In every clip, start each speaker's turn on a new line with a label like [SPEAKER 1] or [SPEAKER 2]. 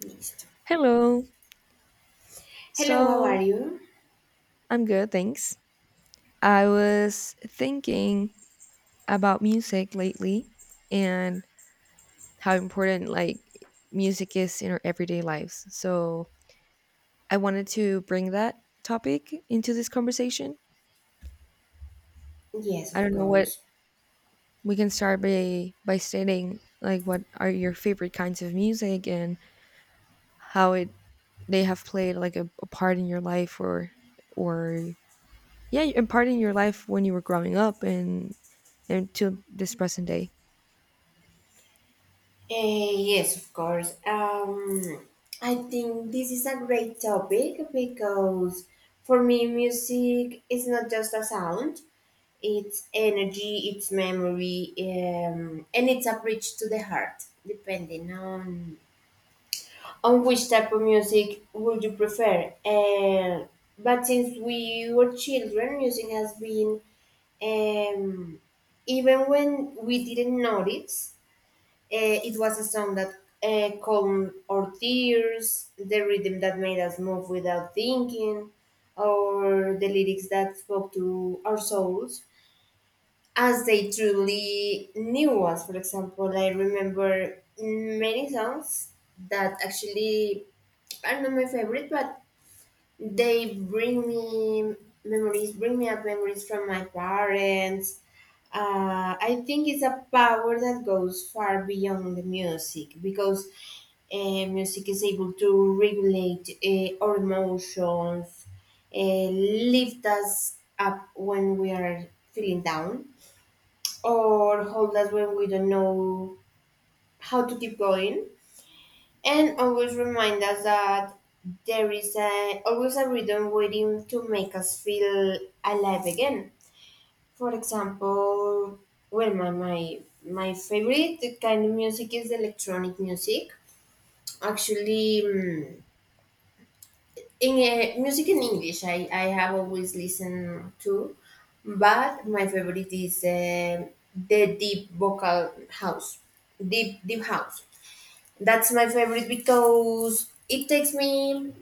[SPEAKER 1] Listo.
[SPEAKER 2] Hello.
[SPEAKER 1] Hello, how
[SPEAKER 2] So
[SPEAKER 1] are you?
[SPEAKER 2] I'm good, thanks. I was thinking about music lately and how important like music is in our everyday lives. So I wanted to bring that topic into this conversation.
[SPEAKER 1] Yes,
[SPEAKER 2] I
[SPEAKER 1] of
[SPEAKER 2] don't know what
[SPEAKER 1] course.
[SPEAKER 2] we can start by stating like what are your favorite kinds of music and how it they have played like a part in your life or yeah, a part in your life when you were growing up and until this present day.
[SPEAKER 1] Yes, of course. I think this is a great topic because for me, music is not just a sound, it's energy, it's memory, and it's a bridge to the heart, depending on which type of music would you prefer. But since we were children, music has been um, even when we didn't notice, it was a song that calmed our tears, the rhythm that made us move without thinking, or the lyrics that spoke to our souls as they truly knew us. For example, I remember many songs that actually are not my favorite, but they bring me memories, bring me up memories from my parents. I think it's a power that goes far beyond the music because music is able to regulate our emotions, uh, lift us up when we are feeling down, or hold us when we don't know how to keep going. And always remind us that there is always a rhythm waiting to make us feel alive again. For example, well, my favorite kind of music is electronic music. Actually, in music in English, I have always listened to, but my favorite is the deep vocal house, deep deep house. That's my favorite because it takes me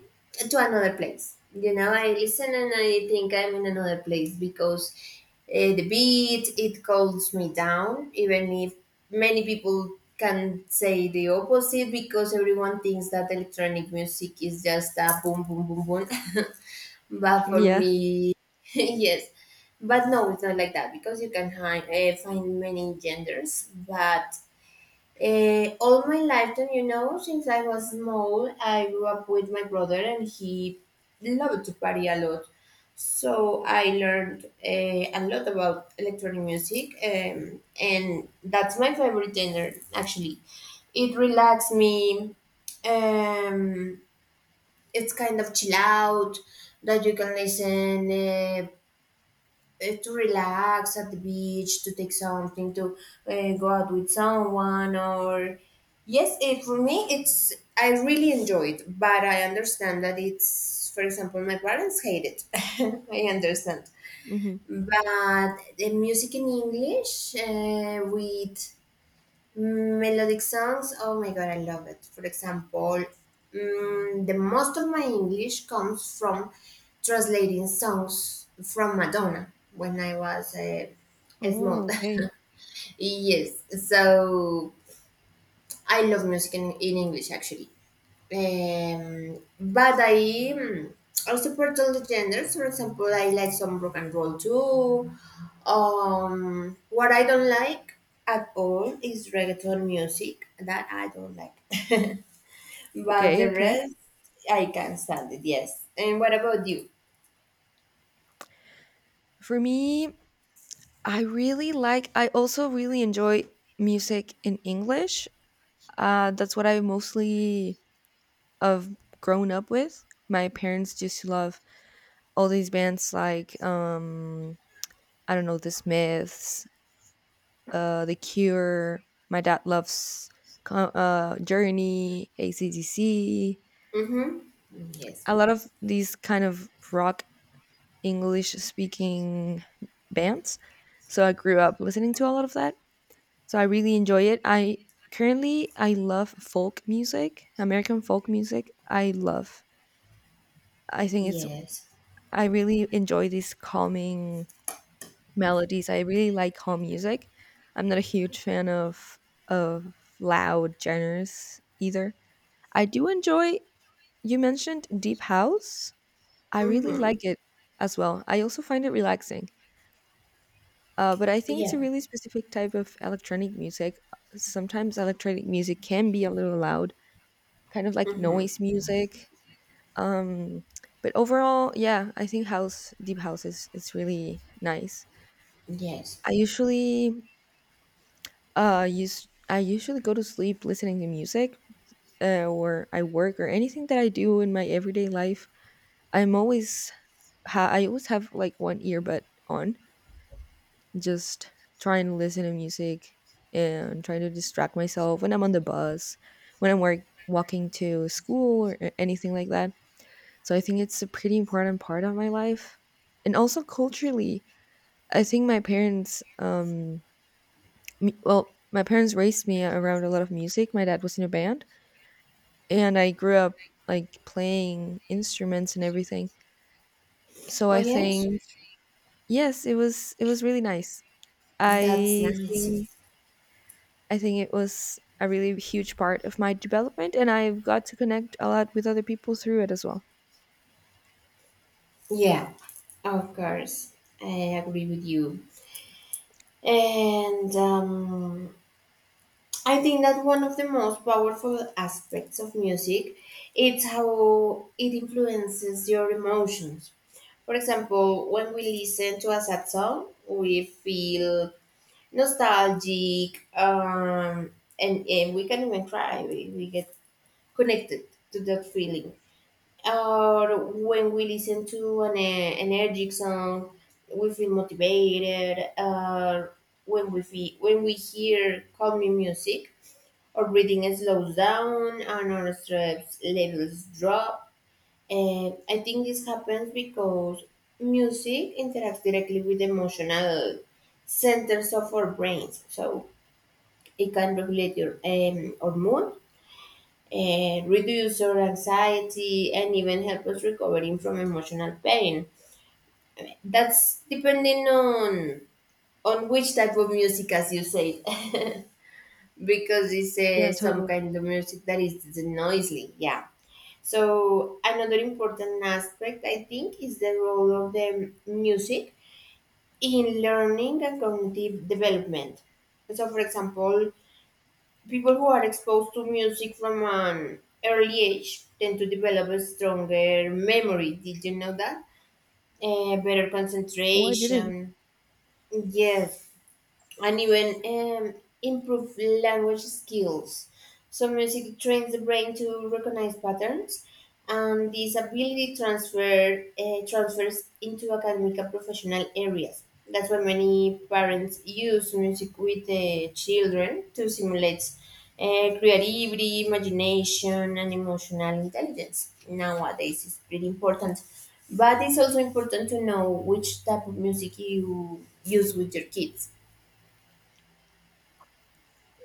[SPEAKER 1] to another place. You know, I listen and I think I'm in another place because the beat it calms me down, even if many people can say the opposite because everyone thinks that electronic music is just a boom boom boom boom. But for
[SPEAKER 2] Yeah.
[SPEAKER 1] me, yes. But no, it's not like that because you can find many genders, but all my lifetime, you know, since I was small, I grew up with my brother and he loved to party a lot. So I learned a lot about electronic music, and that's my favorite genre, actually. It relaxes me. Um, it's kind of chill out that you can listen to relax at the beach, to take something, to go out with someone, or yes, it for me it's I really enjoy it, but I understand that it's for example my parents hate it. I understand,
[SPEAKER 2] Hmm.
[SPEAKER 1] but the music in English with melodic songs, oh my god, I love it. For example, the most of my English comes from translating songs from Madonna when I was
[SPEAKER 2] Oh,
[SPEAKER 1] small.
[SPEAKER 2] okay.
[SPEAKER 1] Yes, so I love music in English actually. But mm, I support all the genders. For example, I like some rock and roll too. What I don't like at all is reggaeton music. That I don't like. But
[SPEAKER 2] Okay,
[SPEAKER 1] the
[SPEAKER 2] okay.
[SPEAKER 1] rest, I can stand it. Yes. And what about you?
[SPEAKER 2] For me, I really like, I also really enjoy music in English. That's what I mostly have grown up with. My parents used to love all these bands like, I don't know, The Smiths, The Cure. My dad loves Journey, ACDC,
[SPEAKER 1] Mm-hmm. Yes.
[SPEAKER 2] a lot of these kind of rock English speaking bands. So I grew up listening to a lot of that. So I really enjoy it. I currently I love folk music, American folk music. I love. I think it's,
[SPEAKER 1] Yes.
[SPEAKER 2] I really enjoy these calming melodies. I really like calm music. I'm not a huge fan of of loud genres either. I do enjoy, you mentioned deep house. I really
[SPEAKER 1] Mm-hmm.
[SPEAKER 2] like it as well. I also find it relaxing. But I think it's a
[SPEAKER 1] Yeah.
[SPEAKER 2] really specific type of electronic music. Sometimes electronic music can be a little loud, kind of like
[SPEAKER 1] Mm-hmm.
[SPEAKER 2] noise music. Um, but overall, yeah, I think house, deep house is it's really nice.
[SPEAKER 1] Yes.
[SPEAKER 2] I usually go to sleep listening to music, or I work or anything that I do in my everyday life. I'm always I always have like one earbud on, just try and listen to music and try to distract myself when I'm on the bus, when I'm work, walking to school or anything like that. So I think it's a pretty important part of my life. And also culturally, I think my parents, well, my parents raised me around a lot of music. My dad was in a band, and I grew up like playing instruments and everything. So
[SPEAKER 1] Oh,
[SPEAKER 2] I
[SPEAKER 1] yes.
[SPEAKER 2] think, yes, it was really nice.
[SPEAKER 1] That's
[SPEAKER 2] I think
[SPEAKER 1] nice.
[SPEAKER 2] I think it was a really huge part of my development, and I've got to connect a lot with other people through it as well.
[SPEAKER 1] Yeah. Of course. I agree with you. And I think that one of the most powerful aspects of music is how it influences your emotions. For example, when we listen to a sad song, we feel nostalgic, and we can even cry. We get connected to that feeling, or when we listen to an energetic song, we feel motivated. Or when we feel, when we hear calming music, our breathing slows down and our stress levels drop. And I think this happens because music interacts directly with emotional centers of our brains, so it can regulate your our mood and reduce our anxiety and even help us recovering from emotional pain. That's depending on which type of music, as you said, because it's
[SPEAKER 2] Yeah,
[SPEAKER 1] some
[SPEAKER 2] totally.
[SPEAKER 1] kind of music that is noisy. Yeah. So another important aspect, I think, is the role of the music in learning and cognitive development. So, for example, people who are exposed to music from an early age tend to develop a stronger memory. Did you know that? Better
[SPEAKER 2] Well, I didn't.
[SPEAKER 1] concentration. Yes, and even improve language skills. So music trains the brain to recognize patterns, and this ability transfers into academic and professional areas. That's why many parents use music with the children to simulate creativity, imagination, and emotional intelligence. Nowadays, it's pretty important, but it's also important to know which type of music you use with your kids.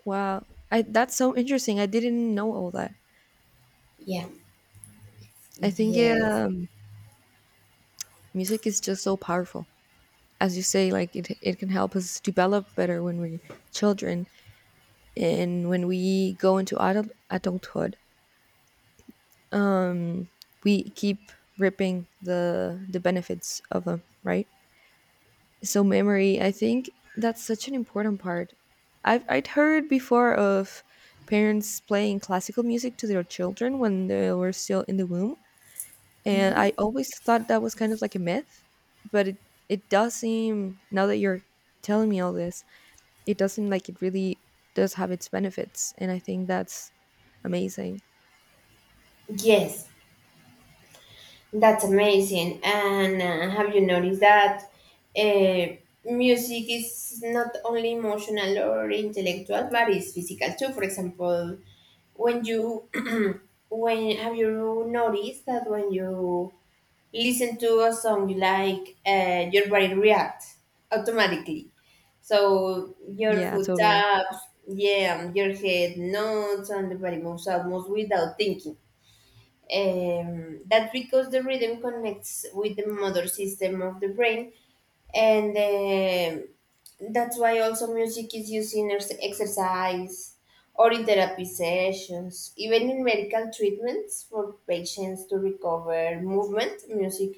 [SPEAKER 2] Wow, I that's so interesting. I didn't know all that.
[SPEAKER 1] Yeah.
[SPEAKER 2] I think
[SPEAKER 1] Yes.
[SPEAKER 2] music is just so powerful. As you say, like it can help us develop better when we're children, and when we go into adulthood, um, we keep ripping the benefits of them, right? So memory, I think that's such an important part. I'd heard before of parents playing classical music to their children when they were still in the womb, and I always thought that was kind of like a myth, but it does seem, now that you're telling me all this, it does seem like it really does have its benefits, and I think that's amazing.
[SPEAKER 1] Yes, that's amazing. And have you noticed that uh, music is not only emotional or intellectual, but it's physical too? For example, when you when have you noticed that when you listen to a song you like, your body reacts automatically. So your
[SPEAKER 2] Yeah,
[SPEAKER 1] foot
[SPEAKER 2] totally.
[SPEAKER 1] taps, yeah, your head nods, and the body moves almost without thinking. That's because the rhythm connects with the motor system of the brain, and that's why also music is used in exercise or in therapy sessions, even in medical treatments for patients to recover movement. Music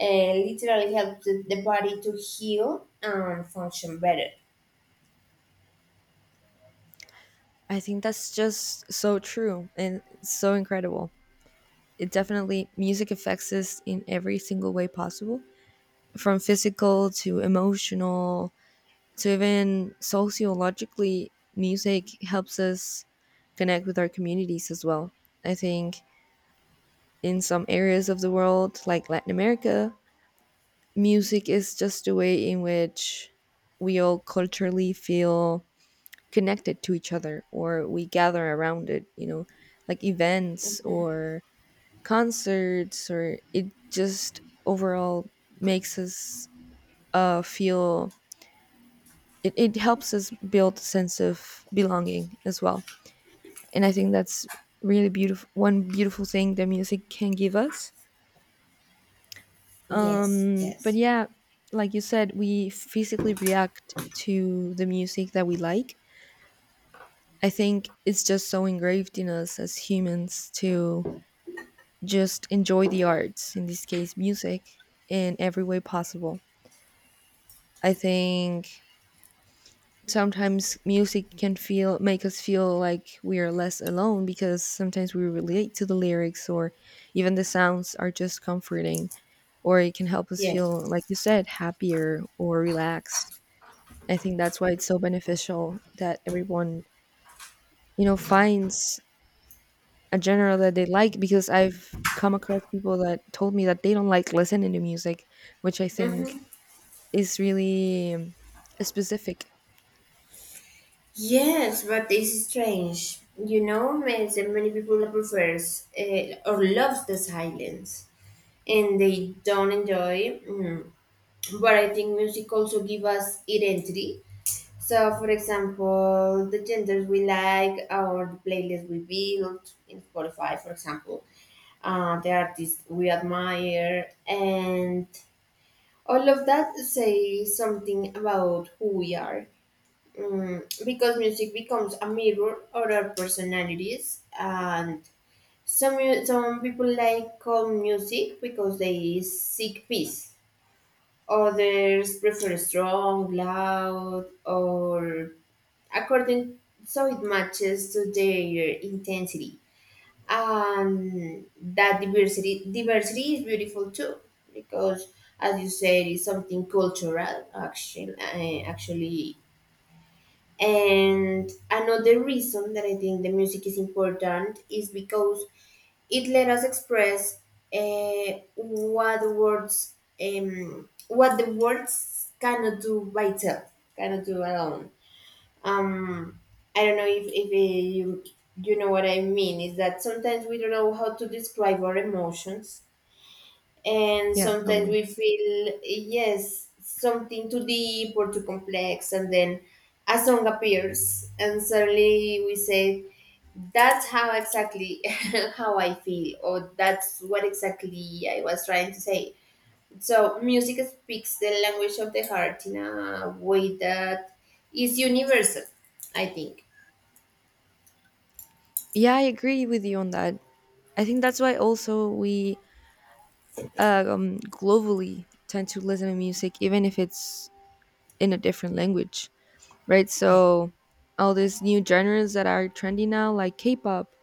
[SPEAKER 1] literally helps the body to heal and function better.
[SPEAKER 2] I think that's just so true and so incredible. It Definitely, music affects us in every single way possible, from physical to emotional to even sociologically. Music helps us connect with our communities as well. I think in some areas of the world like Latin America, music is just a way in which we all culturally feel connected to each other, or we gather around it, like events
[SPEAKER 1] Mhm.
[SPEAKER 2] or concerts, or it just overall makes us feel, it helps us build a sense of belonging as well, and I think that's really beautiful. One beautiful thing that music can give us.
[SPEAKER 1] Yes,
[SPEAKER 2] But
[SPEAKER 1] yes,
[SPEAKER 2] yeah, like you said, we physically react to the music that we like. I think it's just so engraved in us as humans to just enjoy the arts, in this case music, in every way possible. I think sometimes music can feel make us feel like we are less alone, because sometimes we relate to the lyrics or even the sounds are just comforting, or it can help us feel,
[SPEAKER 1] yes.
[SPEAKER 2] like you said, happier or relaxed. I think that's why it's so beneficial that everyone finds a genre that they like, because I've come across people that told me that they don't like listening to music, which I think
[SPEAKER 1] Mhm.
[SPEAKER 2] is really specific.
[SPEAKER 1] Yes, but it's strange. You know, many people prefers or loves the silence, and they don't enjoy. Mm. But I think music also give us identity. So, for example, the genders we like or the playlist we build in Spotify, for example, the artists we admire, and all of that say something about who we are. Because music becomes a mirror of our personalities, and some people like calm music because they seek peace, others prefer strong loud, or according, so it matches to their intensity, and that diversity is beautiful too, because as you said it's something cultural actually and another reason that I think the music is important is because it let us express uh, what words what the words cannot do by itself, cannot do alone. Um, I don't know if you know what I mean. Is that sometimes we don't know how to describe our emotions, and
[SPEAKER 2] Yeah,
[SPEAKER 1] sometimes
[SPEAKER 2] totally.
[SPEAKER 1] we feel yes something too deep or too complex, and then a song appears and suddenly we say that's how exactly how I feel, or that's what exactly I was trying to say. So music speaks the language of the heart in a way that is universal, I think.
[SPEAKER 2] Yeah, I agree with you on that. I think that's why also we globally tend to listen to music, even if it's in a different language, right?
[SPEAKER 1] Yeah.
[SPEAKER 2] So all these new genres that are trendy now, like K-pop,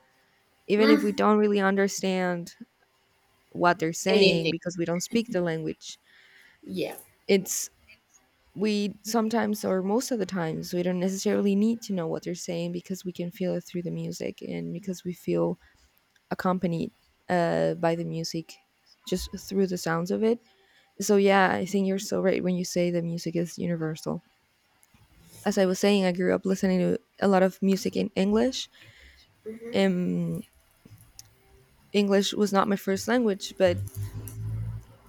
[SPEAKER 2] even if we
[SPEAKER 1] Mhm.
[SPEAKER 2] don't really understand what they're saying
[SPEAKER 1] Anything.
[SPEAKER 2] because we don't speak the language,
[SPEAKER 1] Yeah.
[SPEAKER 2] it's we sometimes, or most of the times, we don't necessarily need to know what they're saying, because we can feel it through the music, and because we feel accompanied by the music, just through the sounds of it. So yeah, I think you're so right when you say the music is universal. As I was saying, I grew up listening to a lot of music in English.
[SPEAKER 1] Hmm.
[SPEAKER 2] Um, English was not my first language, but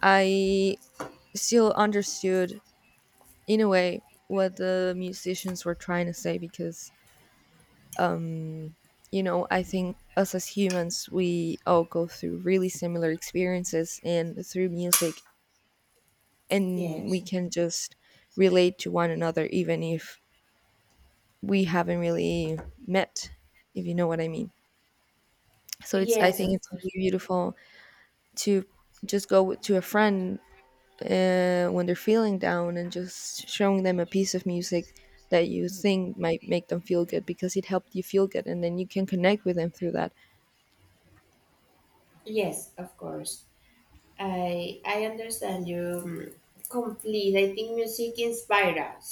[SPEAKER 2] I still understood in a way what the musicians were trying to say, because um, I think us as humans, we all go through really similar experiences, and through music, and we
[SPEAKER 1] Yes.
[SPEAKER 2] can just relate to one another, even if we haven't really met, if you know what I mean. So it's I
[SPEAKER 1] Yes,
[SPEAKER 2] think
[SPEAKER 1] of
[SPEAKER 2] it's
[SPEAKER 1] course.
[SPEAKER 2] really beautiful to just go to a friend when they're feeling down and just showing them a piece of music that you think might make them feel good because it helped you feel good, and then you can connect with them through that.
[SPEAKER 1] Yes, of course. I understand you mm, complete. I think music inspires us,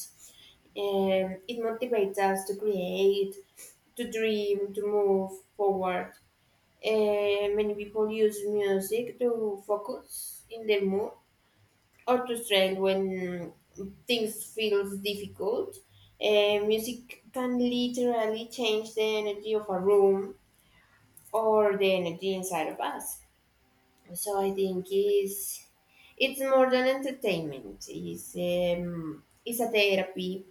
[SPEAKER 1] and it motivates us to create, to dream, to move forward. And many people use music to focus in their mood or to strength when things feels difficult. And music can literally change the energy of a room or the energy inside of us. So I think it's more than entertainment. It's a therapy,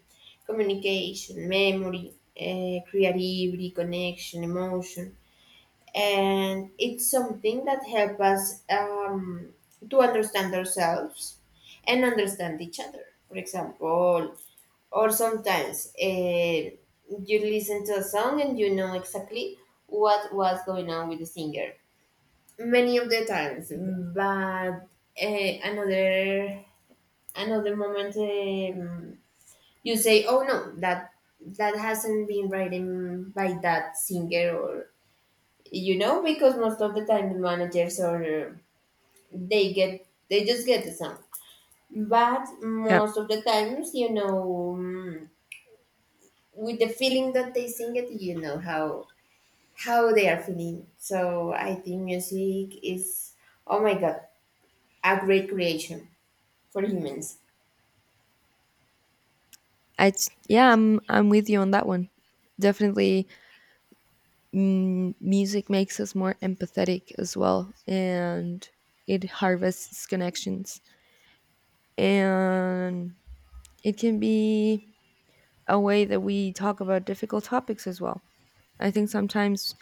[SPEAKER 1] communication, memory, creativity, connection, emotion, and it's something that helps us to understand ourselves and understand each other. For example, or sometimes you listen to a song and you know exactly what was going on with the singer many of the times, but uh, another another moment you say oh no, that hasn't been written by that singer, or you know, because most of the time the managers or they just get the song, but
[SPEAKER 2] yeah
[SPEAKER 1] most of the times you know with the feeling that they sing it you know how they are feeling. So I think music is, oh my god, a great creation for humans.
[SPEAKER 2] i yeah I'm with you on that one. Definitely. Music makes us more empathetic as well, and it harvests connections, and it can be a way that we talk about difficult topics as well. I think sometimes,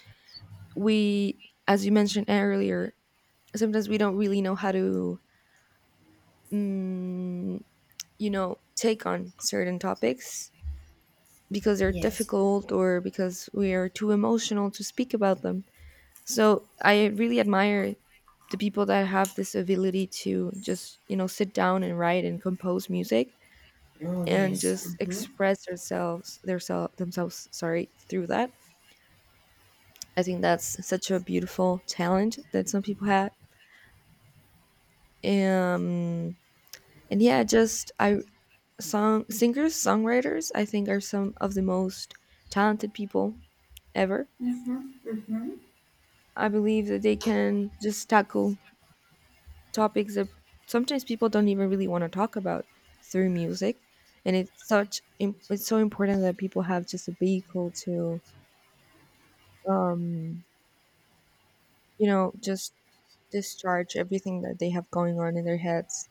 [SPEAKER 2] we, as you mentioned earlier, sometimes we don't really know how to, mm, take on certain topics, because they're
[SPEAKER 1] Yes.
[SPEAKER 2] difficult or because we are too emotional to speak about them. So I really admire the people that have this ability to just, sit down and write and compose music
[SPEAKER 1] Oh,
[SPEAKER 2] and
[SPEAKER 1] yes.
[SPEAKER 2] just
[SPEAKER 1] Mm-hmm.
[SPEAKER 2] express themselves, their self, themselves, sorry, through that. I think that's such a beautiful talent that some people have. Um and yeah, just I, song singers, songwriters, I think, are some of the most talented people ever.
[SPEAKER 1] Mm-hmm. Mm-hmm.
[SPEAKER 2] I believe that they can just tackle topics that sometimes people don't even really want to talk about, through music. And it's such it's so important that people have just a vehicle to um just discharge everything that they have going on in their heads.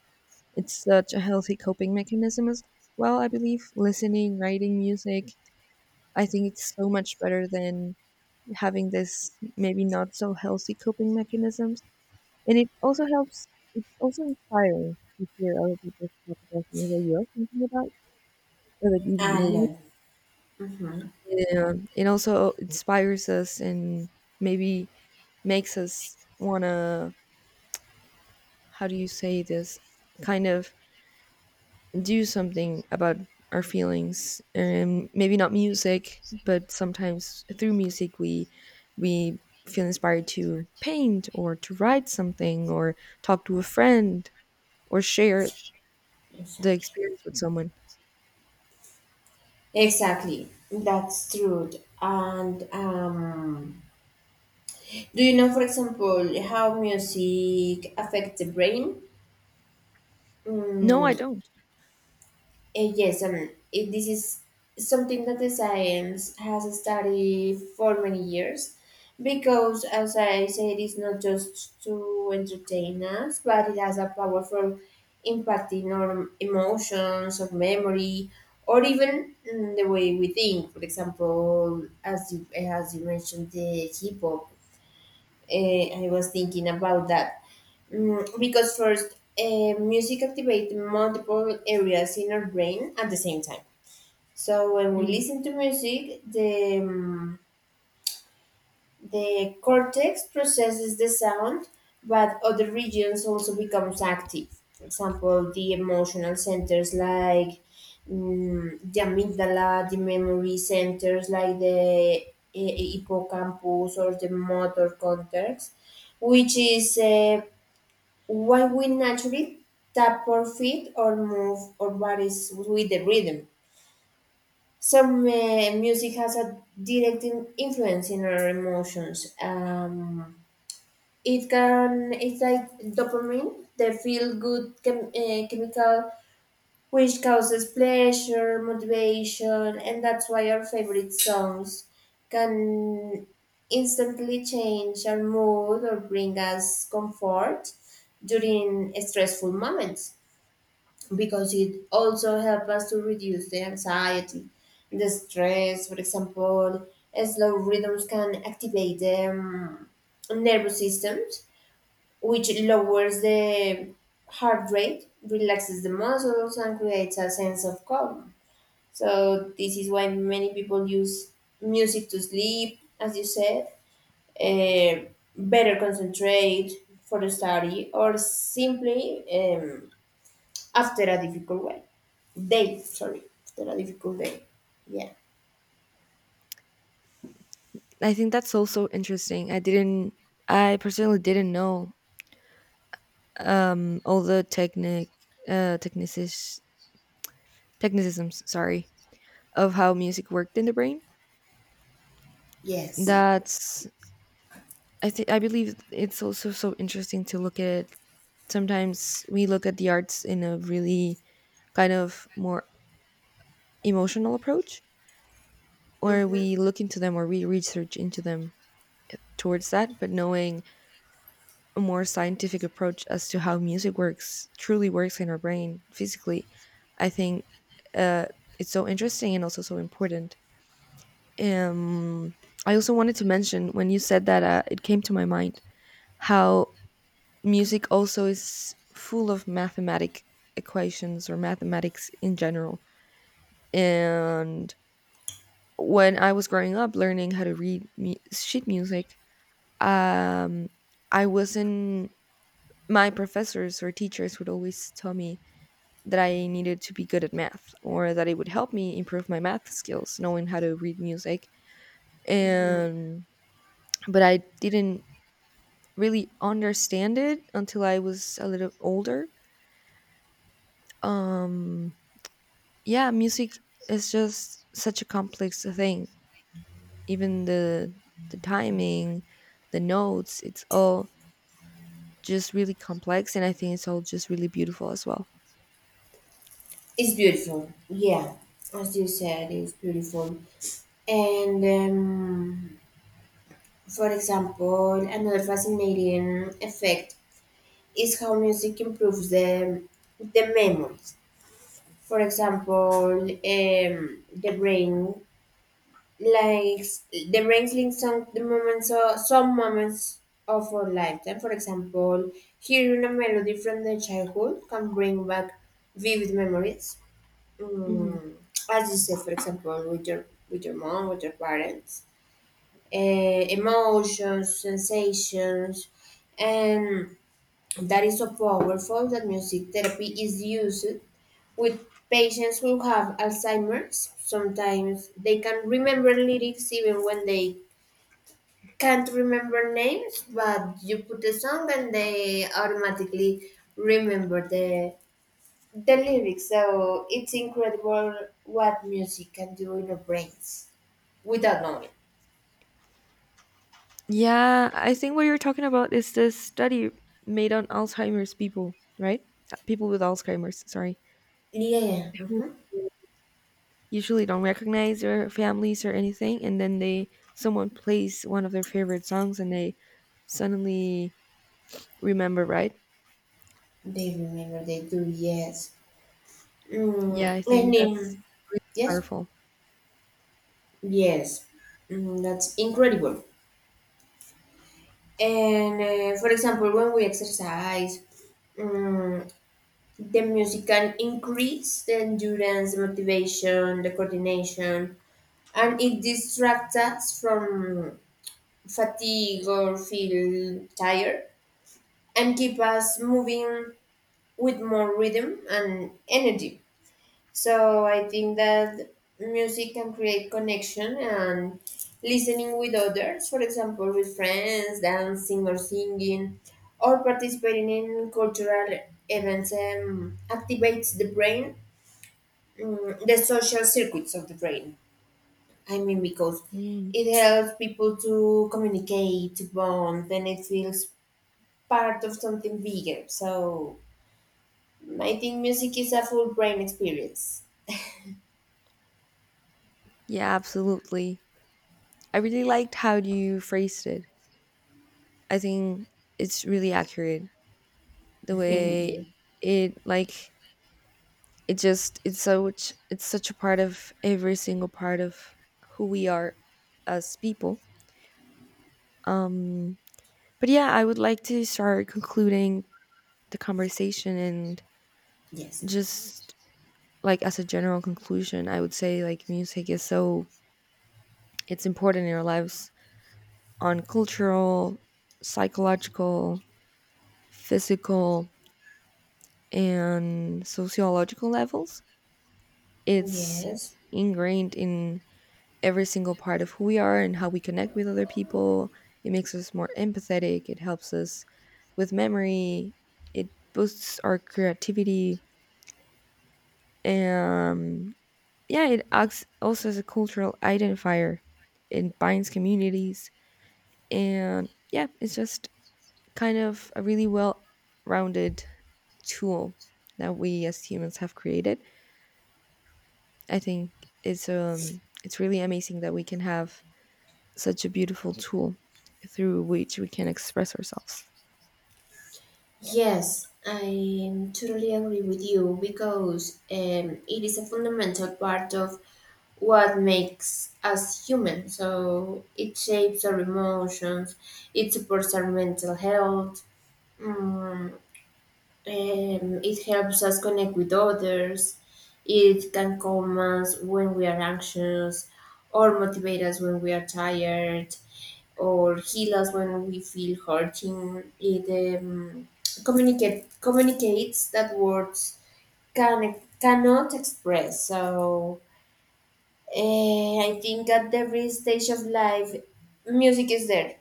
[SPEAKER 2] It's such a healthy coping mechanism as well, I believe, listening, writing music. I think it's so much better than having this, maybe not so healthy, coping mechanisms. And it also helps, it's also inspiring to hear other people talk about things that you're thinking about or that you
[SPEAKER 1] I
[SPEAKER 2] believe
[SPEAKER 1] love. Mm-hmm.
[SPEAKER 2] in. And it also inspires us, and maybe makes us want to, how do you say this, kind of do something about our feelings. And maybe not music, but sometimes through music we feel inspired to paint or to write something or talk to a friend or share the
[SPEAKER 1] Exactly.
[SPEAKER 2] experience with someone.
[SPEAKER 1] Exactly. That's true. And do you know, for example, how music affects the brain?
[SPEAKER 2] No,
[SPEAKER 1] Mm,
[SPEAKER 2] I don't.
[SPEAKER 1] Yes, I mean, this is something that the science has studied for many years because, as I said, it's not just to entertain us, but it has a powerful impact in our emotions, or memory, or even the way we think. For example, as you mentioned, the hip hop, I was thinking about that. Because first, music activates multiple areas in our brain at the same time, so when we
[SPEAKER 2] Mhm.
[SPEAKER 1] listen to music, the cortex processes the sound, but other regions also becomes active. For example, the emotional centers like the amygdala, the memory centers like the hippocampus, or the motor cortex, which is why we naturally tap our feet or move our bodies with the rhythm. Some music has a direct influence in our emotions. It can, it's like dopamine, the feel good chemical, which causes pleasure, motivation, and that's why our favorite songs can instantly change our mood or bring us comfort during stressful moments, because it also helps us to reduce the anxiety, the stress. For example, slow rhythms can activate the nervous system, which lowers the heart rate, relaxes the muscles, and creates a sense of calm. So this is why many people use music to sleep, as you said, eh, better concentrate for the study, or simply. After a difficult way day sorry, after a difficult day, yeah.
[SPEAKER 2] I think that's also interesting. I didn't. I personally didn't know all the uh, technicis, technicisms, sorry, of how music worked in the brain.
[SPEAKER 1] Yes.
[SPEAKER 2] That's. I think. I believe it's also so interesting to look at. Sometimes we look at the arts in a really kind of more emotional approach, or we
[SPEAKER 1] Hmm.
[SPEAKER 2] look into them or we research into them towards that. But knowing a more scientific approach as to how music works truly works in our brain physically, I think uh, it's so interesting and also so important. um, I also wanted to mention, when you said that, it came to my mind how music also is full of mathematic equations or mathematics in general, and when I was growing up learning how to read sheet music, um, I wasn't my professors or teachers would always tell me that I needed to be good at math, or that it would help me improve my math skills, knowing how to read music. And but I didn't really understand it until I was a little older. Um, yeah, music is just such a complex thing. Even the timing, the notes, it's all just really complex, and I think it's all just really beautiful as well.
[SPEAKER 1] It's beautiful, yeah, as you said, it's beautiful. And for example, another fascinating effect is how music improves the memories. For example, the brain like the wrestling some the moments or some moments of our lifetime. For example, hearing a melody from the childhood can bring back vivid memories.
[SPEAKER 2] Mhm.
[SPEAKER 1] Mm, as you said, for example, with your mom, with your parents, uh, emotions, sensations, and that is so powerful that music therapy is used with patients who have Alzheimer's. Sometimes they can remember lyrics even when they can't remember names, but you put the song and they automatically remember the lyrics. So it's incredible what music can do in our brains without knowing.
[SPEAKER 2] Yeah, I think what you're talking about is this study made on Alzheimer's people, right? People with Alzheimer's, sorry,
[SPEAKER 1] Yeah.
[SPEAKER 2] who
[SPEAKER 1] Hmm.
[SPEAKER 2] usually don't recognize their families or anything, and then they someone plays one of their favorite songs and they suddenly remember, right?
[SPEAKER 1] They remember. They do. Yes.
[SPEAKER 2] Yeah, I think
[SPEAKER 1] And
[SPEAKER 2] that's really
[SPEAKER 1] yes,
[SPEAKER 2] powerful.
[SPEAKER 1] yes, that's incredible. And for example, when we exercise, mm the music can increase the endurance, the motivation, the coordination, and it distracts us from fatigue or feel tired and keep us moving with more rhythm and energy. So I think that music can create connection, and listening with others, for example, with friends, dancing or singing, or participating in cultural events activates the social circuits of the brain. I mean, because
[SPEAKER 2] Mm,
[SPEAKER 1] it helps people to communicate, to bond, and it feels part of something bigger. So I think music is a full brain experience.
[SPEAKER 2] yeah, absolutely. I really liked how you phrased it. I think it's really accurate. The way
[SPEAKER 1] Yeah.
[SPEAKER 2] it like it just it's such a part of every single part of who we are as people. Um but yeah, I would like to start concluding the conversation and
[SPEAKER 1] Yes.
[SPEAKER 2] just, like, as a general conclusion, I would say, like, music is it's important in our lives on cultural, psychological, physical and sociological levels. It's
[SPEAKER 1] Yes.
[SPEAKER 2] ingrained in every single part of who we are and how we connect with other people. It makes us more empathetic. It helps us with memory. It boosts our creativity. Um, yeah, it acts also as a cultural identifier. It binds communities. And yeah, it's just kind of a really well rounded tool that we as humans have created. I think it's really amazing that we can have such a beautiful tool through which we can express ourselves.
[SPEAKER 1] Yes, I totally agree with you because it is a fundamental part of what makes us human. So it shapes our emotions, it supports our mental health, Mm, um, it helps us connect with others. It can calm us when we are anxious, or motivate us when we are tired, or heal us when we feel hurting. It communicates that words cannot express. So I think at every stage of life, music is there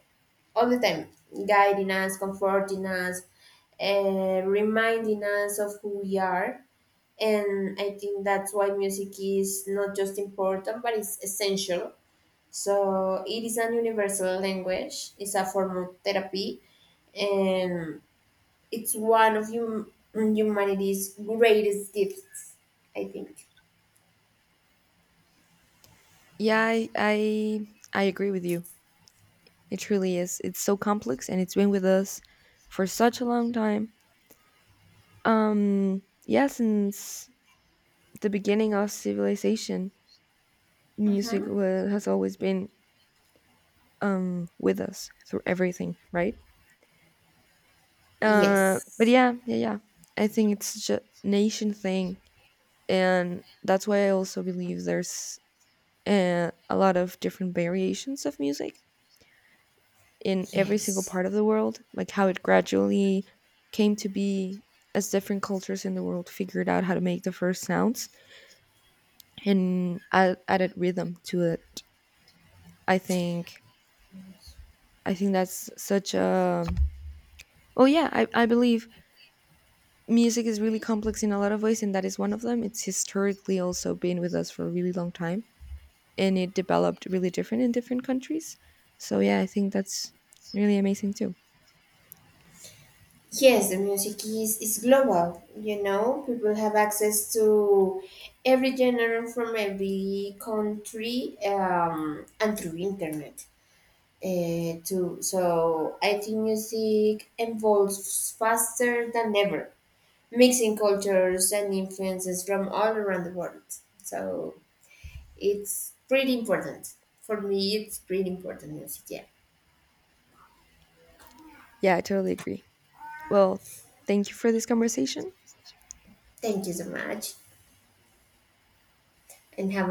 [SPEAKER 1] all the time, guiding us, comforting us, reminding us of who we are. And I think that's why music is not just important, but it's essential. So it is an universal language, it's a form of therapy, and it's one of humanity's greatest gifts, I think.
[SPEAKER 2] Yeah, I agree with you. It truly is. It's so complex and it's been with us for such a long time. Yeah, since the beginning of civilization, music
[SPEAKER 1] Hmm.
[SPEAKER 2] has always been with us through everything, right? But
[SPEAKER 1] Yes.
[SPEAKER 2] yeah, yeah, yeah. I think it's such a nation thing, and that's why I also believe there's a lot of different variations of music in every single
[SPEAKER 1] Yes.
[SPEAKER 2] part of the world, like how it gradually came to be as different cultures in the world figured out how to make the first sounds and added rhythm to it. I think i think that's such a, oh yeah, I believe music is really complex in a lot of ways, and that is one of them. It's historically also been with us for a really long time, and it developed really different in different countries. So yeah, I think that's really amazing too.
[SPEAKER 1] Yes, the music is global. You know, people have access to every genre from every country and through internet too. So I think music evolves faster than ever, mixing cultures and influences from all around the world. So it's pretty important. For me, it's pretty important music. Yeah.
[SPEAKER 2] Yeah, I totally agree. Well, thank you for this conversation.
[SPEAKER 1] Thank you so much and have